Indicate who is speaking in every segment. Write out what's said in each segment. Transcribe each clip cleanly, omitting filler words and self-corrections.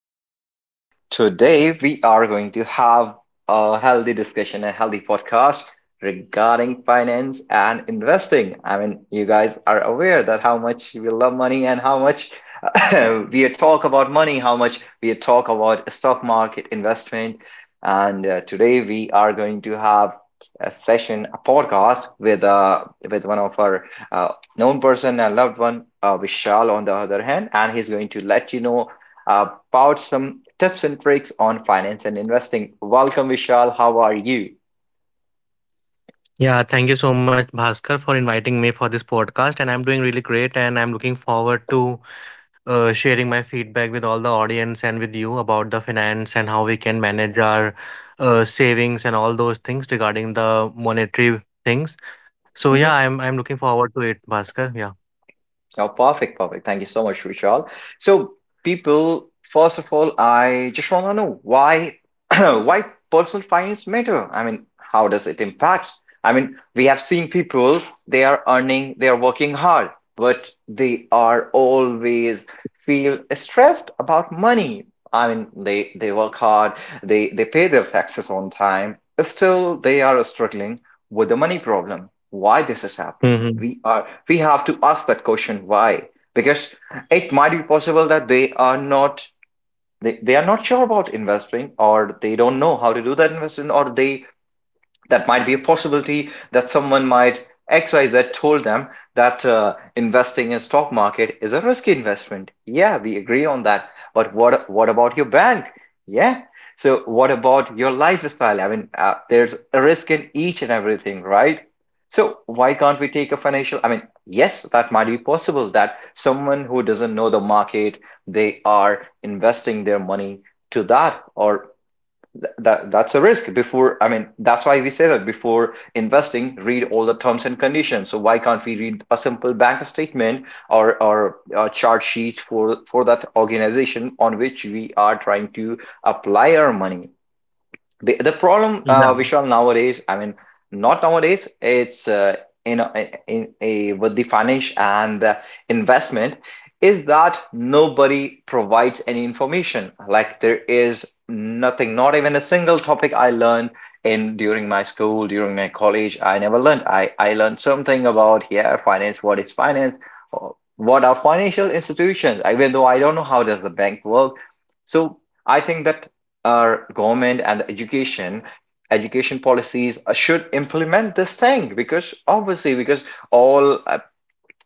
Speaker 1: And Today we are going to have a healthy discussion, a healthy podcast regarding finance and investing. I mean, you guys are aware that how much we love money and how much we talk about money, how much we talk about stock market investment. And Today we are going to have a session, a podcast with one of our uh, known person and loved one, Vishal, on the other hand, and he's going to let you know about some tips and tricks on finance and investing. Welcome, Vishal. How are you?
Speaker 2: Yeah, thank you so much, Bhaskar, for inviting me for this podcast. And I'm doing really great, and I'm looking forward to sharing my feedback with all the audience and with you about the finance and how we can manage our savings and all those things regarding the monetary things. So yeah, I'm
Speaker 1: Mhm.
Speaker 2: I'm looking forward to it, Bhaskar.
Speaker 1: Oh, perfect, perfect. Thank you so much, Vishal. So, people, first of all, I just want to know why why personal finance matter. I mean, how does it impact? I mean, we have seen people, they are earning, they are working hard, but they are always feel stressed about money. I mean, they work hard, they pay their taxes on time, still they are struggling with the money problem. Why this is happening?
Speaker 2: Yeah.
Speaker 1: We have to ask that question, why? Because it might be possible that they are not, they are not sure about investing, or they don't know how to do that investment, or they, that might be a possibility that someone might, XYZ told them that investing in stock market is a risky investment. Yeah, we agree on that. But what about your bank? Yeah. So what about your lifestyle? I mean, there's a risk in each and everything, right? So why can't we take a financial? I mean, yes, that might be possible that someone who doesn't know the market, they are investing their money to that, or that that's a risk before. I mean, that's why we say that before investing, read all the terms and conditions. So why can't we read a simple bank statement, or a chart sheet for that organization on which we are trying to apply our money? The problem, Vishal, nowadays, I mean, not nowadays, it's in, a, in a, with the finance and investment, is that nobody provides any information. Like, there is nothing, not even a single topic I learned in, during my school, during my college. I never learned. I learned something about, yeah, finance. What is finance or what are financial institutions? Even though, I don't know how does the bank work. So I think that our government and the education policies should implement this thing, because obviously, because all,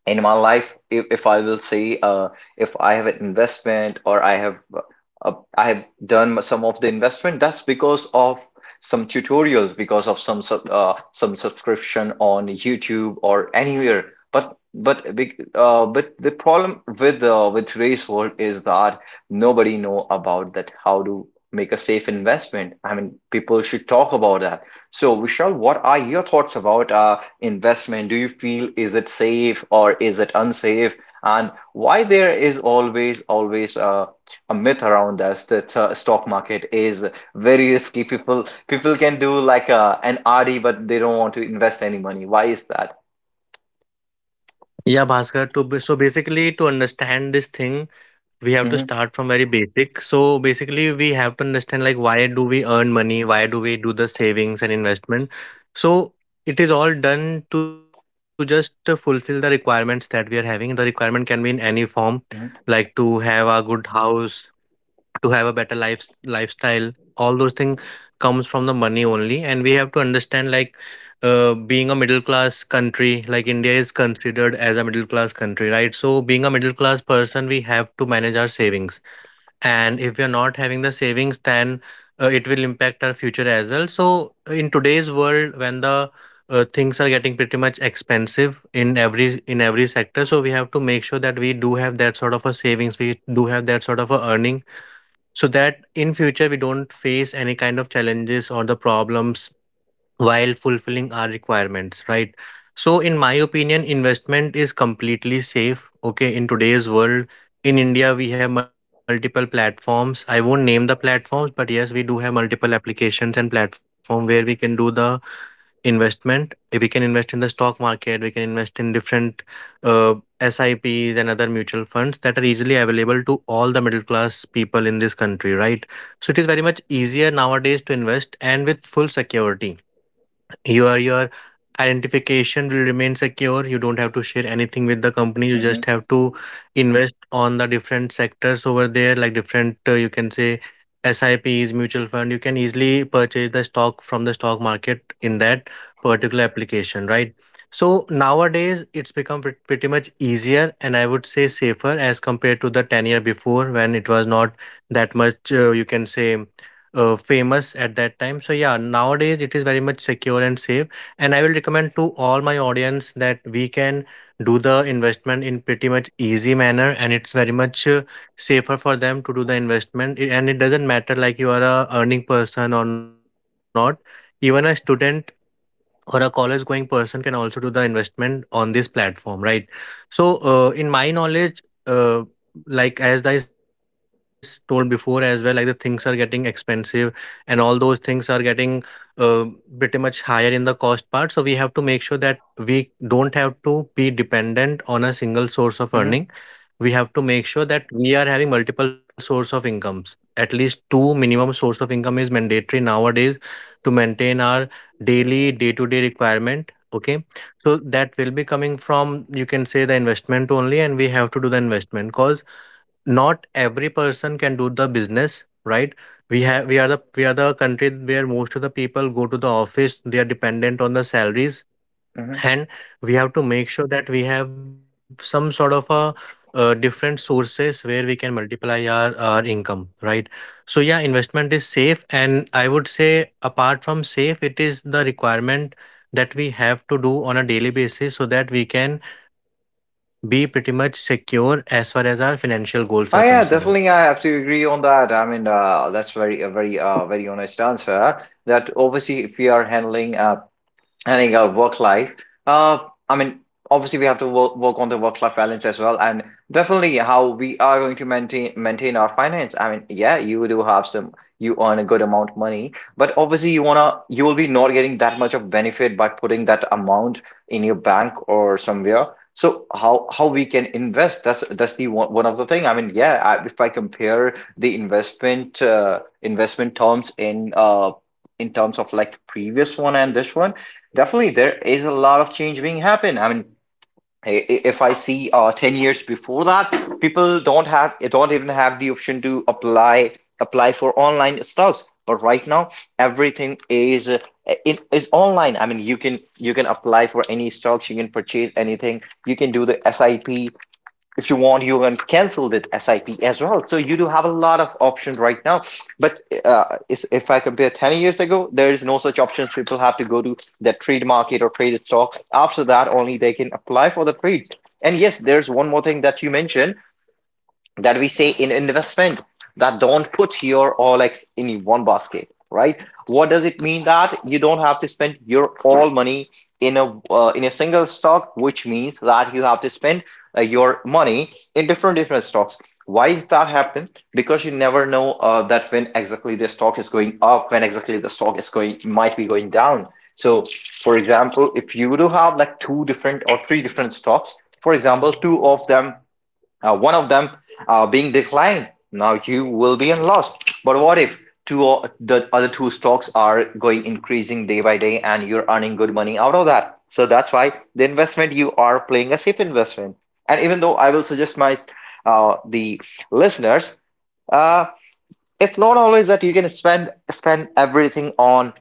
Speaker 1: in my life, if I will say, if I have an investment or I have, uh, I have done some of the investment, that's because of some tutorials, because of some some subscription on YouTube or anywhere. But a big, but the problem with today's world is that nobody know about that, how to make a safe investment. I mean, people should talk about that. So, Vishal, what are your thoughts about investment? Do you feel, is it safe or is it unsafe? And why there is always a myth around us that stock market is very risky? People can do like a, an RD, but they don't want to invest any money. Why is that?
Speaker 2: Yeah, Bhaskar, so basically to understand this thing, we have to
Speaker 1: Hmm.
Speaker 2: start from very basic. So basically we have to understand like why do we earn money, why do we do the savings and investment. So it is all done to just to fulfill the requirements that we are having. The requirement can be in any form,
Speaker 1: Hmm.
Speaker 2: like to have a good house, to have a better lifestyle, all those things comes from the money only. And we have to understand like, being a middle class country, like India is considered as a middle class country, right? So being a middle class person, we have to manage our savings. And if we are not having the savings, then it will impact our future as well. So in today's world, when the things are getting pretty much expensive in every sector, so we have to make sure that we do have that sort of a savings, we do have that sort of a earning so that in future we don't face any kind of challenges or the problems while fulfilling our requirements, right? So in my opinion, investment is completely safe, okay, in today's world. In India we have multiple platforms. I won't name the platforms, but yes, we do have multiple applications and platform where we can do the investment. We can invest in the stock market. We can invest in different uh, SIPs and other mutual funds that are easily available to all the middle class people in this country, right? So it is very much easier nowadays to invest, and with full security your identification will remain secure. You don't have to share anything with the company. You just
Speaker 1: Hmm.
Speaker 2: have to invest on the different sectors over there, like different, you can say, sips, mutual fund. You can easily purchase the stock from the stock market in that particular application, right? So nowadays it's become pretty much easier, and I would say safer as compared to the 10 year before, when it was not that much, you can say, famous at that time. So yeah, nowadays it is very much secure and safe. And I will recommend to all my audience that we can do the investment in pretty much easy manner, and it's very much safer for them to do the investment. And it doesn't matter like you are a earning person or not. Even a student or a college going person can also do the investment on this platform, right? So in my knowledge, uh, like as I told before as well, like the things are getting expensive and all those things are getting uh, pretty much higher in the cost part. So we have to make sure that we don't have to be dependent on a single source of earning.
Speaker 1: Hmm.
Speaker 2: We have to make sure that we are having multiple source of incomes. At least two minimum source of income is mandatory nowadays to maintain our daily day to day requirement, okay? So that will be coming from, you can say, the investment only. And we have to do the investment, cause not every person can do the business, right? We have, we are the country where most of the people go to the office. They are dependent on the salaries.
Speaker 1: Hmm.
Speaker 2: And we have to make sure that we have some sort of a different sources where we can multiply our income, right? So yeah, investment is safe, and I would say apart from safe it is the requirement that we have to do on a daily basis so that we can be pretty much secure as far as our financial goals are concerned.
Speaker 1: Oh yeah, definitely. I have to agree on that. I mean, that's very a very honest answer. That obviously, if we are handling, I think, our work life. Uh, I mean, obviously we have to work on the work-life balance as well, and definitely how we are going to maintain our finance. I mean, yeah, you do have some, you earn a good amount of money, but obviously you will be not getting that much of benefit by putting that amount in your bank or somewhere. So how we can invest? That's the one, one of the thing. I mean, yeah, I, if I compare the investment terms in terms of like previous one and this one. Definitely, there is a lot of change being happen. I mean, if I see 10 years before that, people don't have, don't even have the option to apply for online stocks. But right now, everything is it is online. I mean, you can apply for any stocks, you can purchase anything, you can do the SIP. If you want, you can cancel that SIP as well, so you do have a lot of options right now. But if I compare 10 years ago, there is no such options. People have to go to the trade market or traded stock. After that only they can apply for the trade. And yes, there's one more thing that you mentioned, that we say in investment, that don't put your all eggs in one basket, right? What does it mean? That you don't have to spend your all money in a single stock, which means that you have to spend your money in different stocks. Why does that happen? Because you never know, that when exactly the stock is going up, when exactly the stock is going, might be going down. So, for example, if you do have like two different or three different stocks, for example, two of them, one of them, being declined, now you will be in loss. But what if the other two stocks are going, increasing day by day, and you're earning good money out of that? So that's why the investment, you are playing a safe investment. And even though, I will suggest my, the listeners, uh, it's not always that you can spend everything on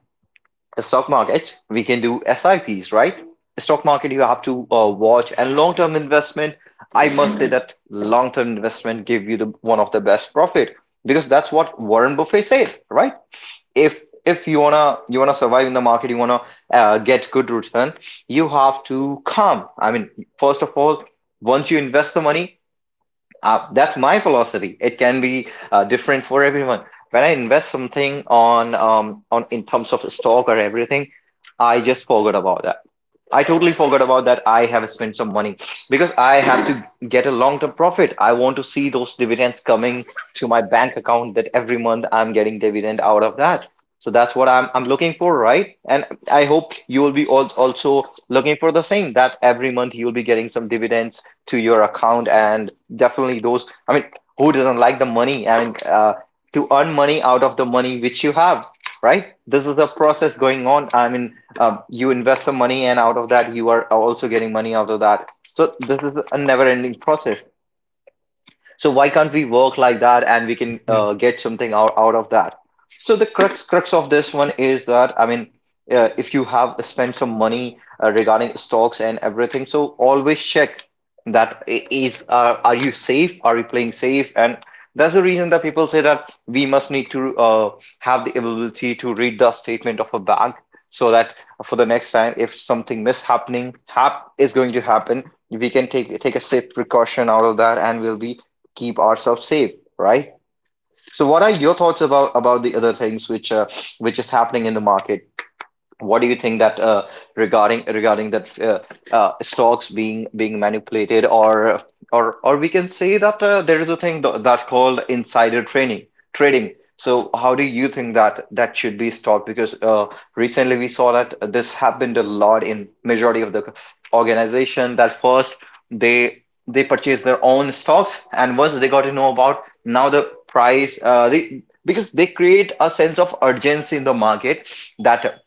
Speaker 1: the stock market. We can do SIPs, right? The stock market, you have to watch, and long term investment. I must say that long term investment give you the one of the best profit, because that's what Warren Buffett said, right? If if you wanna survive in the market, you wanna get good return, you have to come. I mean, first of all, once you invest the money, that's my philosophy. It can be different for everyone. When I invest something on, on, in terms of stock or everything, I just forgot about that. I totally forgot about that. I have spent some money because I have to get a long term profit. I want to see those dividends coming to my bank account, that every month I'm getting dividend out of that. So that's what I'm looking for, right? And I hope you will be, also looking for the same, that every month you'll be getting some dividends to your account. And definitely those, I mean, who doesn't like the money? I mean, to earn money out of the money which you have, right? This is a process going on. I mean, you invest some money, and out of that, you are also getting money out of that. So this is a never-ending process. So why can't we work like that,
Speaker 2: Yeah.
Speaker 1: and we can get something out of that? So the crux of this one is that, I mean, if you have spent some money regarding stocks and everything, so always check that, is, are you safe? Are you playing safe? And that's the reason that people say that we must need to have the ability to read the statement of a bank, so that for the next time, if something mishappening hap is going to happen, we can take a safe precaution out of that, and we'll be keep ourselves safe, right? So, what are your thoughts about the other things which is happening in the market? What do you think that regarding, that stocks being, manipulated, or we can say that there is a thing th that called insider trading. So how do you think that that should be stopped? Because recently we saw that this happened a lot in majority of the organization that first they purchased their own stocks and once they got to know about now the price, they because they create a sense of urgency in the market that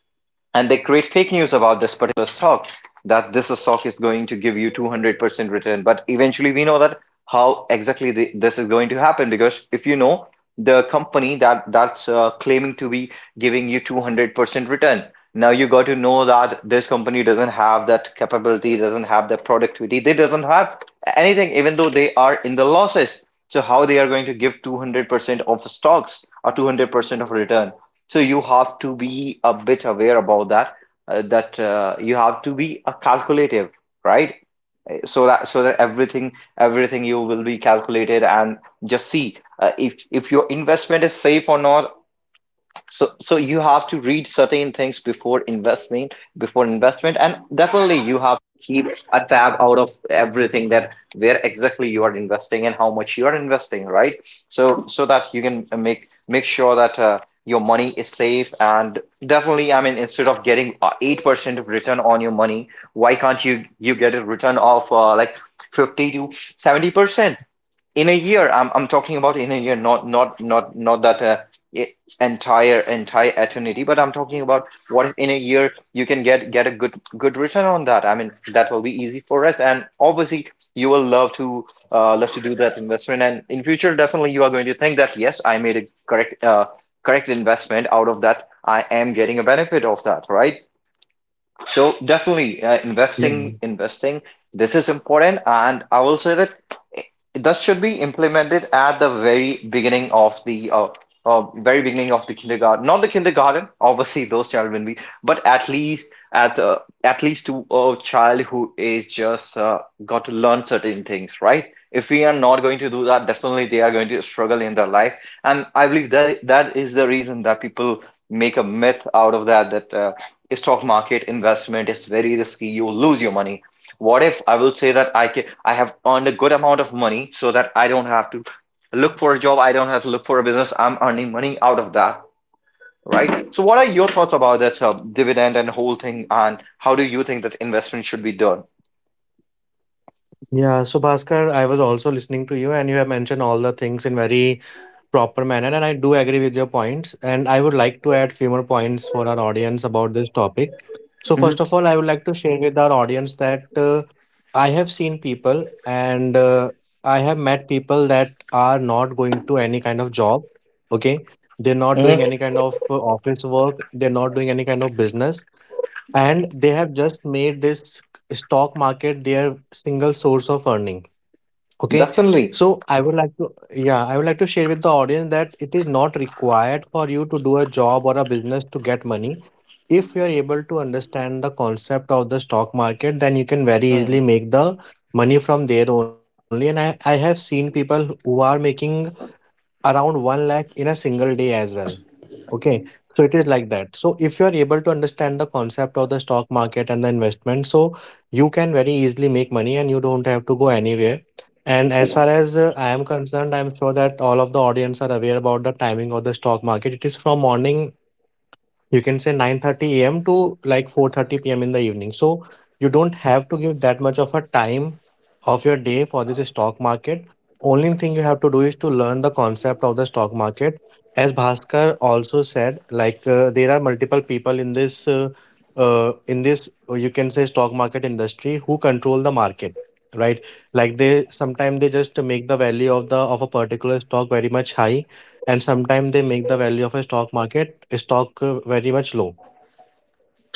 Speaker 1: and they create fake news about this particular stock that this stock is going to give you 200% return, but eventually we know that how exactly this is going to happen. Because if you know the company that's claiming to be giving you 200% return, now you got to know that this company doesn't have that capability, doesn't have that productivity, they doesn't have anything, even though they are in the losses. So how they are going to give 200% of stocks or 200% of return? So you have to be a bit aware about that, that you have to be a calculative, right? So that so that everything everything you will be calculated and just see if your investment is safe or not. So so you have to read certain things before investment before investment, and definitely you have to keep a tab out of everything, that where exactly you are investing and how much you are investing, right? So so that you can make sure that your money is safe. And definitely, I mean, instead of getting 8% of return on your money, why can't you get a return of like 50 to 70% in a year? I'm talking about in a year, not e- entire eternity, but I'm talking about what if in a year you can get a good return on that. I mean, that will be easy for us, and obviously you will love to love to do that investment. And in future, definitely you are going to think that yes, I made a correct correct investment out of that. I am getting a benefit of that, right? So definitely,
Speaker 2: Yeah.
Speaker 1: investing, investing, this is important. And I will say that that should be implemented at the very beginning of the very beginning of the kindergarten. Not the kindergarten, obviously those children will be, but at least to a child who is just got to learn certain things, right? If we are not going to do that, definitely they are going to struggle in their life. And I believe that that is the reason that people make a myth out of that, that stock market investment is very risky, you will lose your money. What if I will say that I have earned a good amount of money so that I don't have to look for a job, I don't have to look for a business, I'm earning money out of that, right? So what are your thoughts about that dividend and whole thing, and how do you think that investment should be done?
Speaker 2: Yeah, so Bhaskar, I was also listening to you, and you have mentioned all the things in very proper manner, and I do agree with your points, and I would like to add few more points for our audience about this topic. So
Speaker 1: Hmm.
Speaker 2: first of all, I would like to share with our audience that I have seen people and, I have met people that are not going to any kind of job, okay? They're not
Speaker 1: Hmm.
Speaker 2: doing any kind of office work. They're not doing any kind of business. And they have just made this stock market their single source of earning. Okay.
Speaker 1: Definitely.
Speaker 2: So I would like to, yeah, I would like to share with the audience that it is not required for you to do a job or a business to get money. If you are able to understand the concept of the stock market, then you can very easily
Speaker 1: Hmm.
Speaker 2: make the money from there only. And I have seen people who are making around 1 lakh in a single day as well, okay? So it is like that. So if you are able to understand the concept of the stock market and the investment, so you can very easily make money and you don't have to go anywhere. And as far as I am concerned, I am sure that all of the audience are aware about the timing of the stock market. It is from morning, you can say, 9:30 AM to like 4:30 PM in the evening. So you don't have to give that much of a time of your day for this stock market. Only thing you have to do is to learn the concept of the stock market. As Bhaskar also said, like, there are multiple people in this you can say stock market industry who control the market, right? Like they, sometimes they just make the value of a particular stock very much high, and sometimes they make the value of a stock market stock very much low.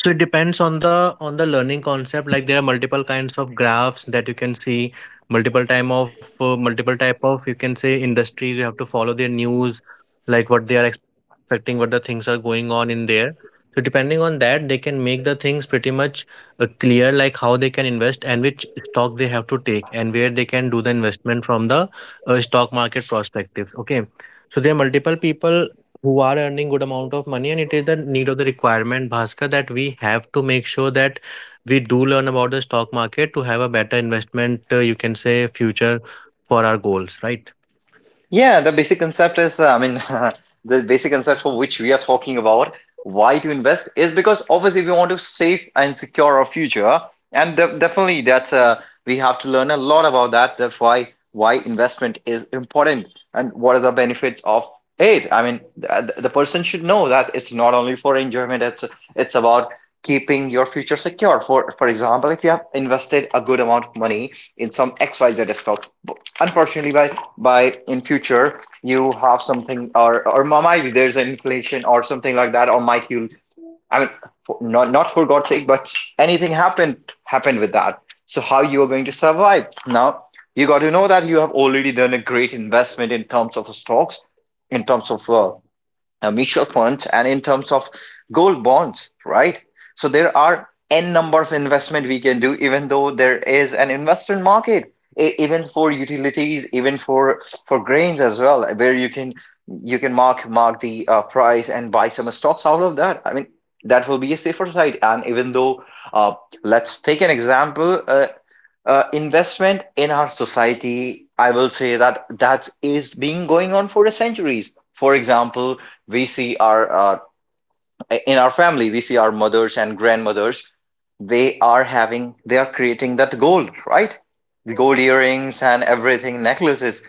Speaker 2: So it depends on the, learning concept. Like there are multiple kinds of graphs that you can see, multiple time of, multiple type of, you can say, industries. You have to follow their news, like what they are expecting, what the things are going on in there. So depending on that, they can make the things pretty much clear, like how they can invest and which stock they have to take and where they can do the investment from the stock market perspective, okay? So there are multiple people who are earning good amount of money, and it is the need of the requirement, Bhaskar, that we have to make sure that we do learn about the stock market to have a better investment, you can say, future for our goals, right?
Speaker 1: Yeah, the basic concept is, I mean, the basic concept for which we are talking about why to invest is because obviously we want to save and secure our future, and definitely that's we have to learn a lot about that. That's why investment is important and what are the benefits of it. I mean, the person should know that it's not only for enjoyment. It's about keeping your future secure. For example, if you have invested a good amount of money in some XYZ stock, unfortunately by in future you have something, or might there's an inflation or something like that, or might you, I mean, for, not for god's sake, but anything happened with that, so how you are going to survive now? You got to know that you have already done a great investment in terms of stocks, in terms of mutual funds, and in terms of gold bonds, right? So there are n number of investment we can do, even though there is an investment market, even for utilities, even for grains as well, where you can mark the price and buy some stocks out of that. I mean, that will be a safer side. And even though, uh, let's take an example. Investment in our society, I will say that that is being going on for centuries. For example, we see our in our family we see our mothers and grandmothers, they are creating that gold, right? The gold earrings and everything, necklaces.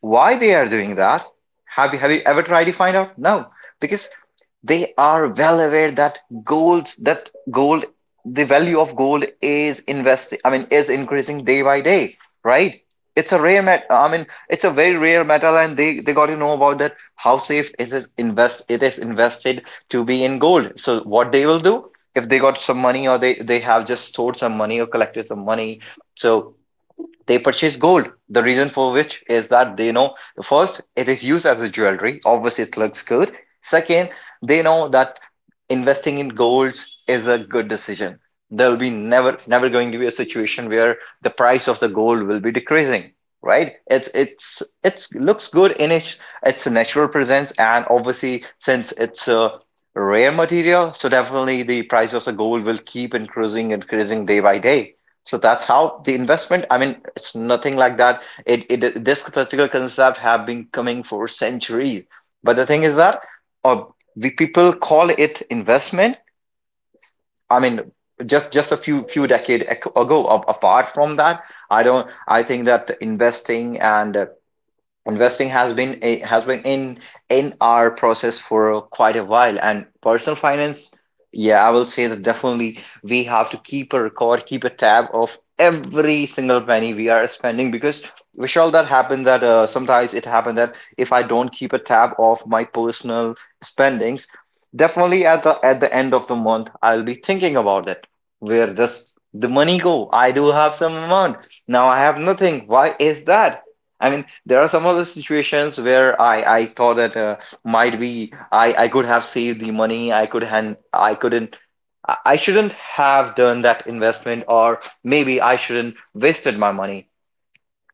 Speaker 1: Why they are doing that? Have you ever tried to find out? No, because they are well aware that gold, the value of gold is investing, I mean, is increasing day by day, right? It's a rare met I mean, it's a very rare metal, and they got to know about that, how safe is it is invested to be in gold. So what they will do, if they got some money, or they have just stored some money or collected some money, so they purchase gold. The reason for which is that they know, first, it is used as a jewelry. Obviously, it looks good. Second, they know that investing in golds is a good decision. There'll be never going to be a situation where the price of the gold will be decreasing, right? It's looks good in its natural presence, and obviously since it's a rare material, so definitely the price of the gold will keep increasing day by day. So that's how the investment, I mean, it's nothing like that. It, this particular concept have been coming for centuries. But the thing is that uh, we people call it investment. I mean, just a few decades ago. Apart from that, I don't. I think that investing and investing has been a, has been in our process for quite a while. And personal finance, yeah, I will say that definitely we have to keep a record, keep a tab of every single penny we are spending, because Vishal, that happened that sometimes it happened that if I don't keep a tab of my personal spendings, definitely at the end of the month I'll be thinking about it, where does the money go? I do have some amount, now I have nothing, why is that? I mean, there are some other situations where I thought that might be I could have saved the money. I could hand I couldn't I shouldn't have done that investment, or maybe I shouldn't wasted my money.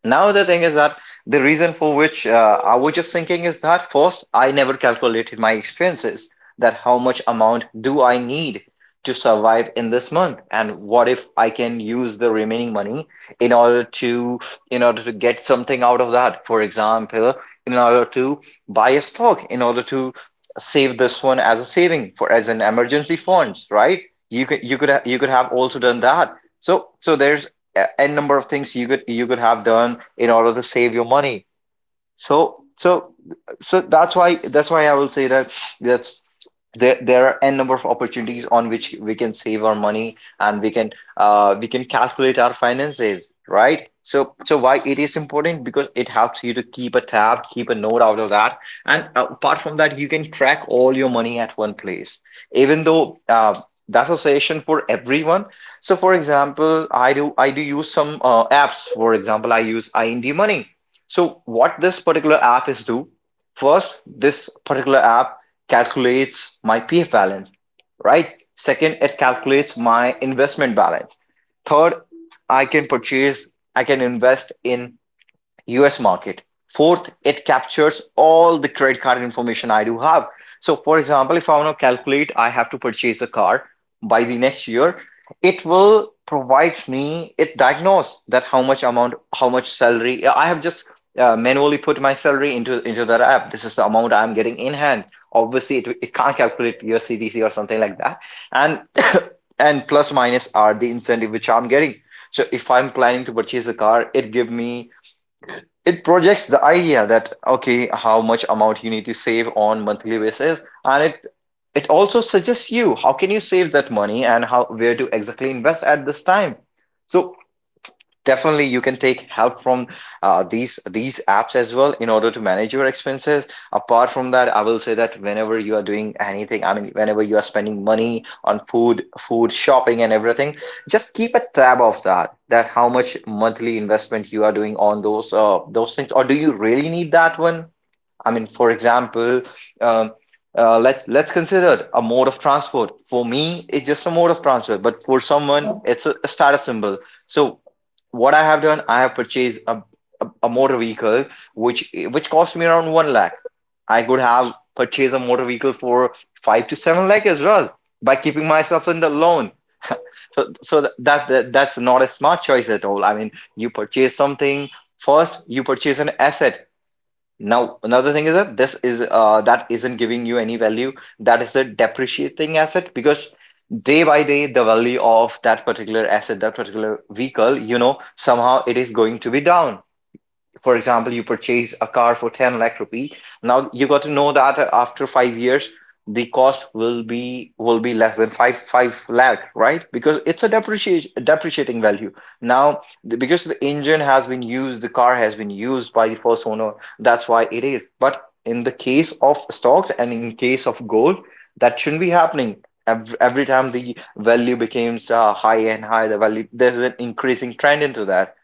Speaker 1: Now the thing is that the reason for which I was just thinking is that, first, I never calculated my expenses, that how much amount do I need to survive in this month, and what if I can use the remaining money in order to get something out of that. For example, in order to buy a stock, in order to save this one as a saving for as an emergency funds, right? You could have also done that. So so there's N number of things you could have done in order to save your money. so so that's why I will say that that's, there are n number of opportunities on which we can save our money and we can calculate our finances, right? So so why it is important? Because it helps you to keep a tab, keep a note out of that. And apart from that, you can track all your money at one place. Even though that's a session for everyone. So for example, I do use some apps. For example, I use Ind Money. So what this particular app is do, first, this particular app calculates my PF balance, right? Second, it calculates my investment balance. Third, I can purchase, I can invest in US market. Fourth, it captures all the credit card information I do have. So, for example, if I want to calculate I have to purchase a car by the next year, it will provide me, it diagnose that how much amount, how much salary. I have just manually put my salary into that app. This is the amount I'm getting in hand. Obviously, it can't calculate your CDC or something like that. And and plus minus are the incentive which I'm getting. So if I'm planning to purchase a car, it give me, it projects the idea that okay, how much amount you need to save on monthly basis, and it also suggests you how can you save that money and how where to exactly invest at this time. So definitely you can take help from these apps as well in order to manage your expenses. Apart from that, I will say that whenever you are doing anything, I mean whenever you are spending money on food shopping and everything, just keep a tab of that, that how much monthly investment you are doing on those things, or do you really need that one? I mean, for example, um, let's consider a mode of transport. For me, it's just a mode of transport, but for someone, it's a status symbol. So, what I have done, I have purchased a motor vehicle which cost me around one lakh. I could have purchased a motor vehicle for five to seven lakh as well by keeping myself in the loan. So that's not a smart choice at all. I mean, you purchase something first. You purchase an asset now. Another thing is that this is that isn't giving you any value. That is a depreciating asset because day by day, the value of that particular asset, that particular vehicle, somehow it is going to be down. For example, you purchase a car for 10 lakh rupee. Now you got to know that after 5 years, the cost will be less than five lakh, right? Because it's a depreciation depreciating value. Now, because the engine has been used, the car has been used by the first owner. That's why it is. But in the case of stocks and in case of gold, that shouldn't be happening. Every time the value becomes high and high, the value, there's an increasing trend into that.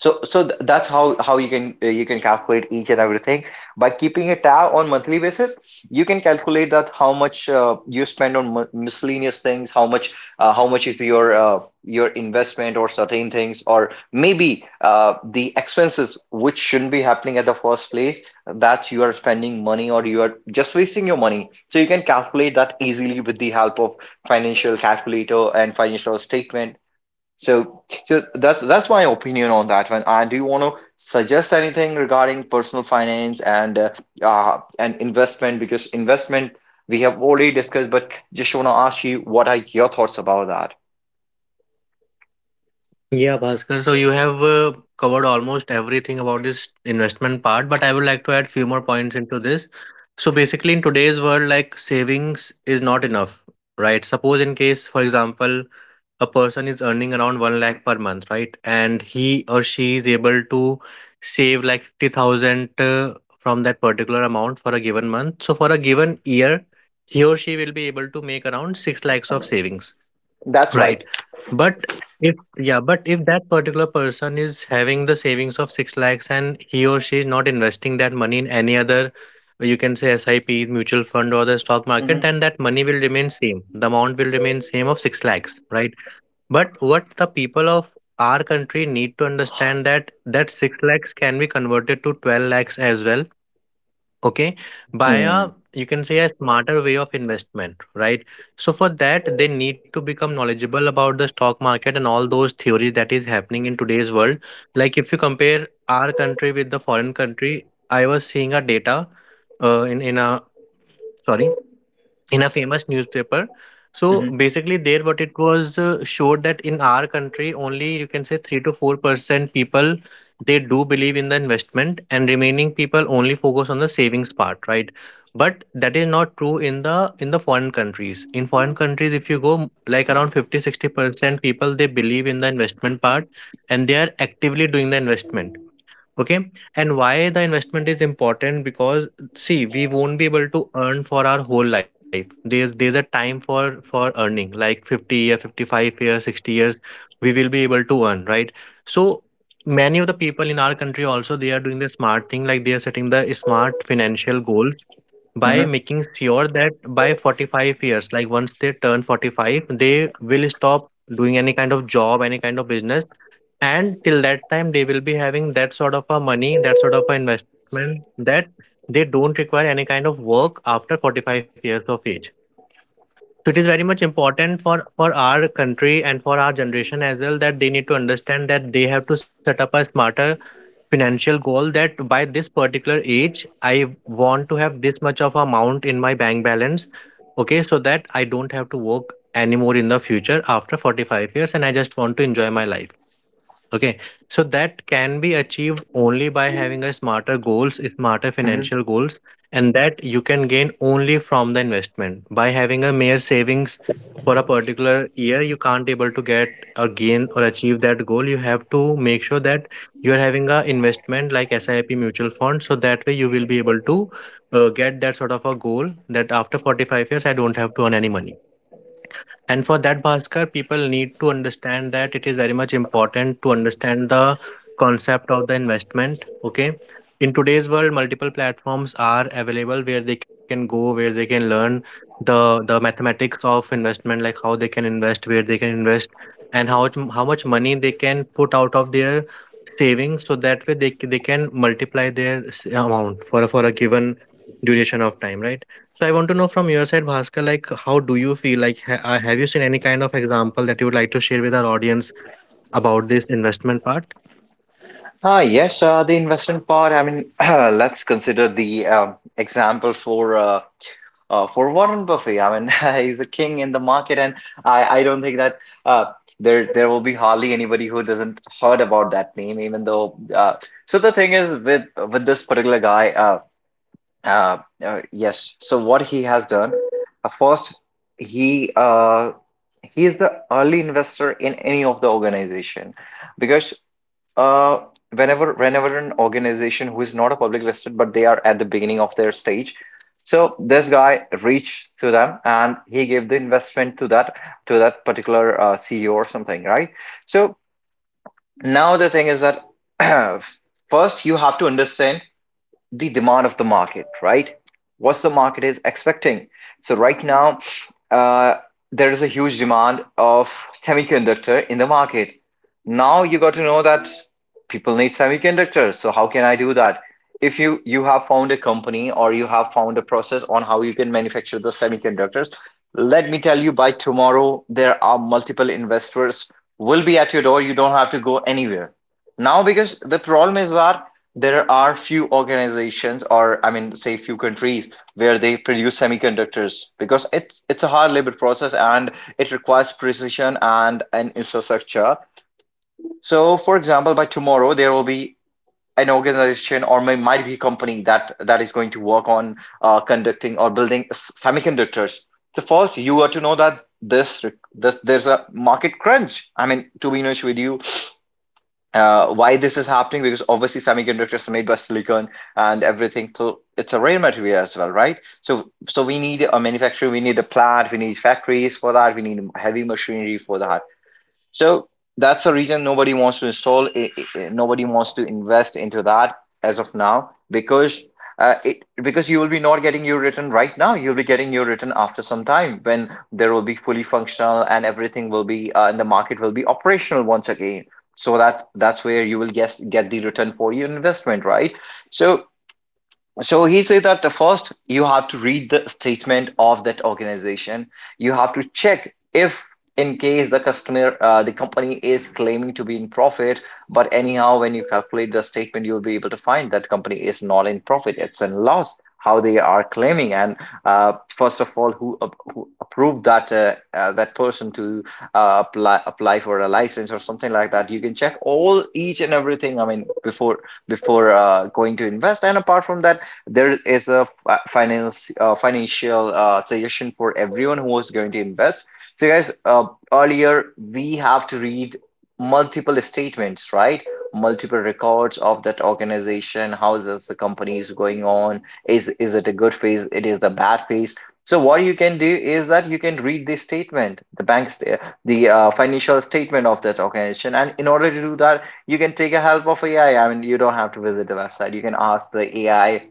Speaker 1: So, that's how you can calculate each and everything by keeping a tab on monthly basis. You can calculate that how much you spend on m miscellaneous things, how much is your investment or certain things, or maybe the expenses which shouldn't be happening at the first place. That's you are spending money or you are just wasting your money. So you can calculate that easily with the help of financial calculator and financial statement. So that's my opinion on that one. And do you want to suggest anything regarding personal finance and investment? Because investment we have already discussed, but just want to ask you what are your thoughts about that?
Speaker 2: Yeah, Bhaskar. So you have covered almost everything about this investment part, but I would like to add few more points into this. So basically, in today's world, like, savings is not enough, right? Suppose in case, for example, a person is earning around 1 lakh per month, right? And he or she is able to save like 50,000, from that particular amount for a given month. So for a given year, he or she will be able to make around 6 lakhs of savings.
Speaker 1: That's
Speaker 2: Right.
Speaker 1: right.
Speaker 2: But, if, yeah, but if that particular person is having the savings of 6 lakhs and he or she is not investing that money in any other, you can say, SIP, mutual fund, or the stock market,
Speaker 1: Hmm.
Speaker 2: then that money will remain same. The amount will remain same of 6 lakhs, right? But what the people of our country need to understand that that 6 lakhs can be converted to 12 lakhs as well, okay, by
Speaker 1: Hmm.
Speaker 2: a, you can say, a smarter way of investment, right? So for that they need to become knowledgeable about the stock market and all those theories that is happening in today's world. Like if you compare our country with the foreign country, I was seeing a data in a sorry, in a famous newspaper. So
Speaker 1: Mhm,
Speaker 2: basically, there what it was showed that in our country, only, you can say, 3 to 4% people, they do believe in the investment, and remaining people only focus on the savings part, right? But that is not true in the, foreign countries. In foreign countries, if you go like around 50, 60% people, they believe in the investment part, and they are actively doing the investment, okay? And why the investment is important? Because see, we won't be able to earn for our whole life. There's a time for earning, like 50 year, 55 years, 60 years we will be able to earn, right? So many of the people in our country also, they are doing the smart thing, like they are setting the smart financial goal by
Speaker 1: mhm,
Speaker 2: making sure that by 45 years, like once they turn 45, they will stop doing any kind of job, any kind of business. And till that time, they will be having that sort of a money, that sort of a investment, that they don't require any kind of work after 45 years of age. So it is very much important for, our country and for our generation as well, that they need to understand that they have to set up a smarter financial goal, that by this particular age, I want to have this much of amount in my bank balance. Okay, so that I don't have to work anymore in the future after 45 years, and I just want to enjoy my life. Okay, so that can be achieved only by having a smarter goals, smarter
Speaker 1: mhm.
Speaker 2: financial goals, and that you can gain only from the investment. By having a mere savings for a particular year, you can't able to get or gain or achieve that goal. You have to make sure that you are having a investment like SIP mutual fund, so that way you will be able to get that sort of a goal that after 45 years I don't have to earn any money. And for that, Bhaskar, people need to understand that it is very much important to understand the concept of the investment. Okay. In today's world, multiple platforms are available where they can go, where they can learn the mathematics of investment, like how they can invest, where they can invest, and how much money they can put out of their savings, so that way they they can multiply their amount for a given duration of time, right? So I want to know from your side, Bhaskar, like, how do you feel, like have you seen any kind of example that you would like to share with our audience about this investment part?
Speaker 1: Ah, yes, the investment part. I mean, let's consider the example for Warren Buffett. I mean, he's a king in the market, and I don't think that uh, there will be hardly anybody who doesn't heard about that name, even though. So the thing is with this particular guy, yes. So what he has done, first he uh, he is the early investor in any of the organization, because uh, whenever an organization who is not a public listed, but they are at the beginning of their stage. So this guy reached to them and he gave the investment to that particular CEO or something, right? So now the thing is that first you have to understand the demand of the market, right? What's the market is expecting? So right now, uh, there is a huge demand of semiconductor in the market. Now you got to know that people need semiconductors. So how can I do that? If you have found a company or you have found a process on how you can manufacture the semiconductors, let me tell you by tomorrow there are multiple investors will be at your door. You don't have to go anywhere now because the problem is that there are few organizations, or I mean, say few countries where they produce semiconductors because it's a hard labor process and it requires precision and an infrastructure. So, for example, by tomorrow there will be an organization or may, might be a company that is going to work on conducting or building semiconductors. So first, you are to know that this there's a market crunch. I mean, to be honest with you, why this is happening, because obviously semiconductors are made by silicon and everything, so it's a rare material as well, right? So so we need a manufacturer, we need a plant, we need factories for that, we need heavy machinery for that. So that's the reason nobody wants to install, nobody wants to invest into that as of now because it because you will be not getting your return right now. You'll be getting your return after some time when there will be fully functional and everything will be and the market will be operational once again. So that's where you will get the return for your investment, right? So so he says that first you have to read the statement of that organization. You have to check if, in case the customer, the company is claiming to be in profit, but anyhow, when you calculate the statement, you'll be able to find that company is not in profit; it's in loss. How they are claiming, and first of all, who, who approved that that person to apply for a license or something like that? You can check all each and everything. I mean, before going to invest. And apart from that, there is a finance financial suggestion for everyone who is going to invest. So, guys, earlier we have to read multiple statements, right? Multiple records of that organization. How is this, the company is going on? Is it a good phase? It is a bad phase. So what you can do is that you can read the statement, the bank's the financial statement of that organization, and in order to do that, you can take a help of AI. I mean, you don't have to visit the website. You can ask the AI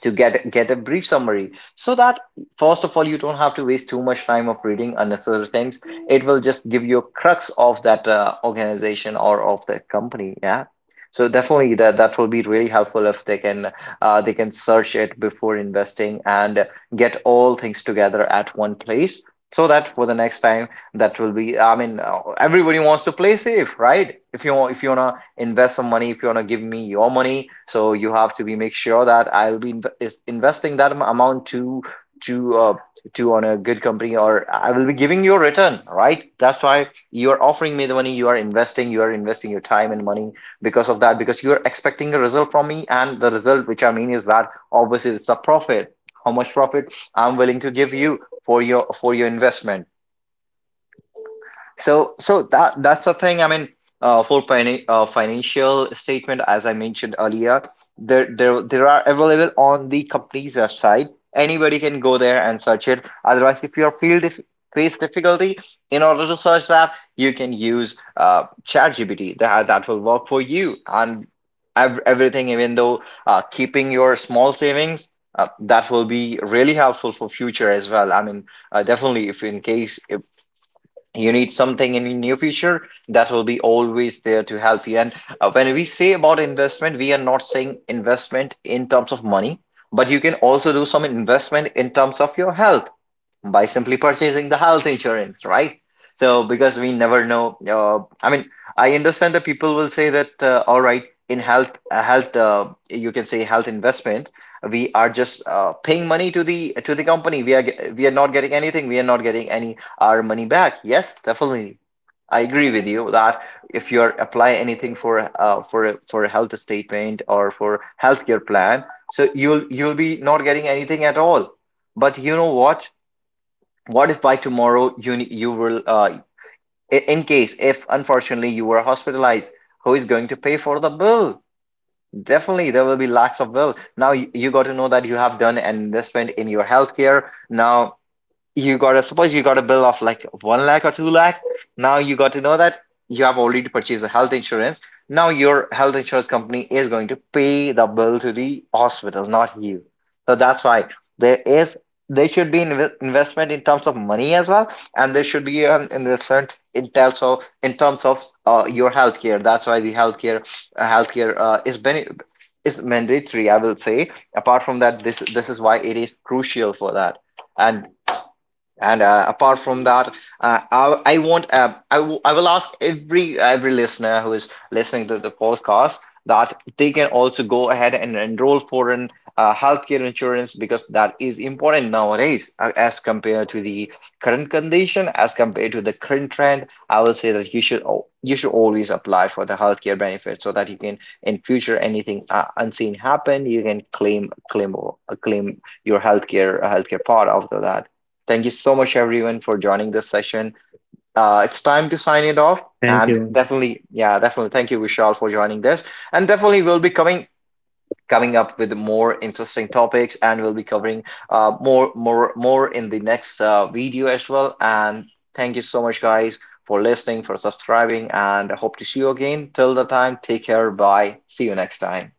Speaker 1: to get a brief summary so that first of all you don't have to waste too much time of reading unnecessary things. It will just give you a crux of that organization or of that company, yeah. So definitely that will be really helpful if they can they can search it before investing and get all things together at one place so that for the next time that will be, I mean, everybody wants to play safe, right? If you, if you want to invest some money, if you want to give me your money, so you have to be make sure that I'll be investing that amount to uh, to on a good company or I will be giving you a return, right? That's why you're offering me the money. You are investing, you are investing your time and money because of that, because you're expecting a result from me, and the result which I mean is that obviously it's the profit. How much profit I'm willing to give you for your investment. So, that's the thing. I mean, for financial statement, as I mentioned earlier, there are available on the company's website. Anybody can go there and search it. Otherwise, if you are feel dif face difficulty in order to search that, you can use ChatGPT. That will work for you and ev everything. Even though keeping your small savings. That will be really helpful for future as well. I mean, definitely, if in case if you need something in near future, that will be always there to help you. And when we say about investment, we are not saying investment in terms of money, but you can also do some investment in terms of your health by simply purchasing the health insurance, right? So, because we never know, I mean, I understand that people will say that, all right, in health, health, you can say health investment, we are just paying money to the company. We are we are not getting anything. We are not getting any our money back. Yes, definitely, I agree with you that if you are apply anything for a health statement or for healthcare plan, so you'll be not getting anything at all. But you know what? What if by tomorrow you you will in case if unfortunately you were hospitalized, who is going to pay for the bill? Definitely there will be lakhs of bill. Now you got to know that you have done an investment in your healthcare. Now you gotta suppose you got a bill of like one lakh or two lakh. Now you got to know that you have already purchased a health insurance. Now your health insurance company is going to pay the bill to the hospital, not you. So that's why there is there should be investment in terms of money as well, and there should be an investment in terms of your healthcare. That's why the healthcare healthcare is mandatory, I will say. Apart from that, this is why it is crucial for that. And apart from that, I want I will ask every listener who is listening to the podcast that they can also go ahead and enroll for an healthcare insurance because that is important nowadays as compared to the current condition, as compared to the current trend. I will say that you should you should always apply for the healthcare benefit so that you can in future anything unseen happen, you can claim your healthcare part after that. Thank you so much, everyone, for joining this session. It's time to sign it off.
Speaker 2: Thank
Speaker 1: And
Speaker 2: you.
Speaker 1: definitely, yeah, definitely. Thank you, Vishal, for joining this. And definitely, we'll be coming up with more interesting topics, and we'll be covering more in the next video as well. And thank you so much, guys, for listening, for subscribing, and I hope to see you again. Till the time, take care. Bye. See you next time.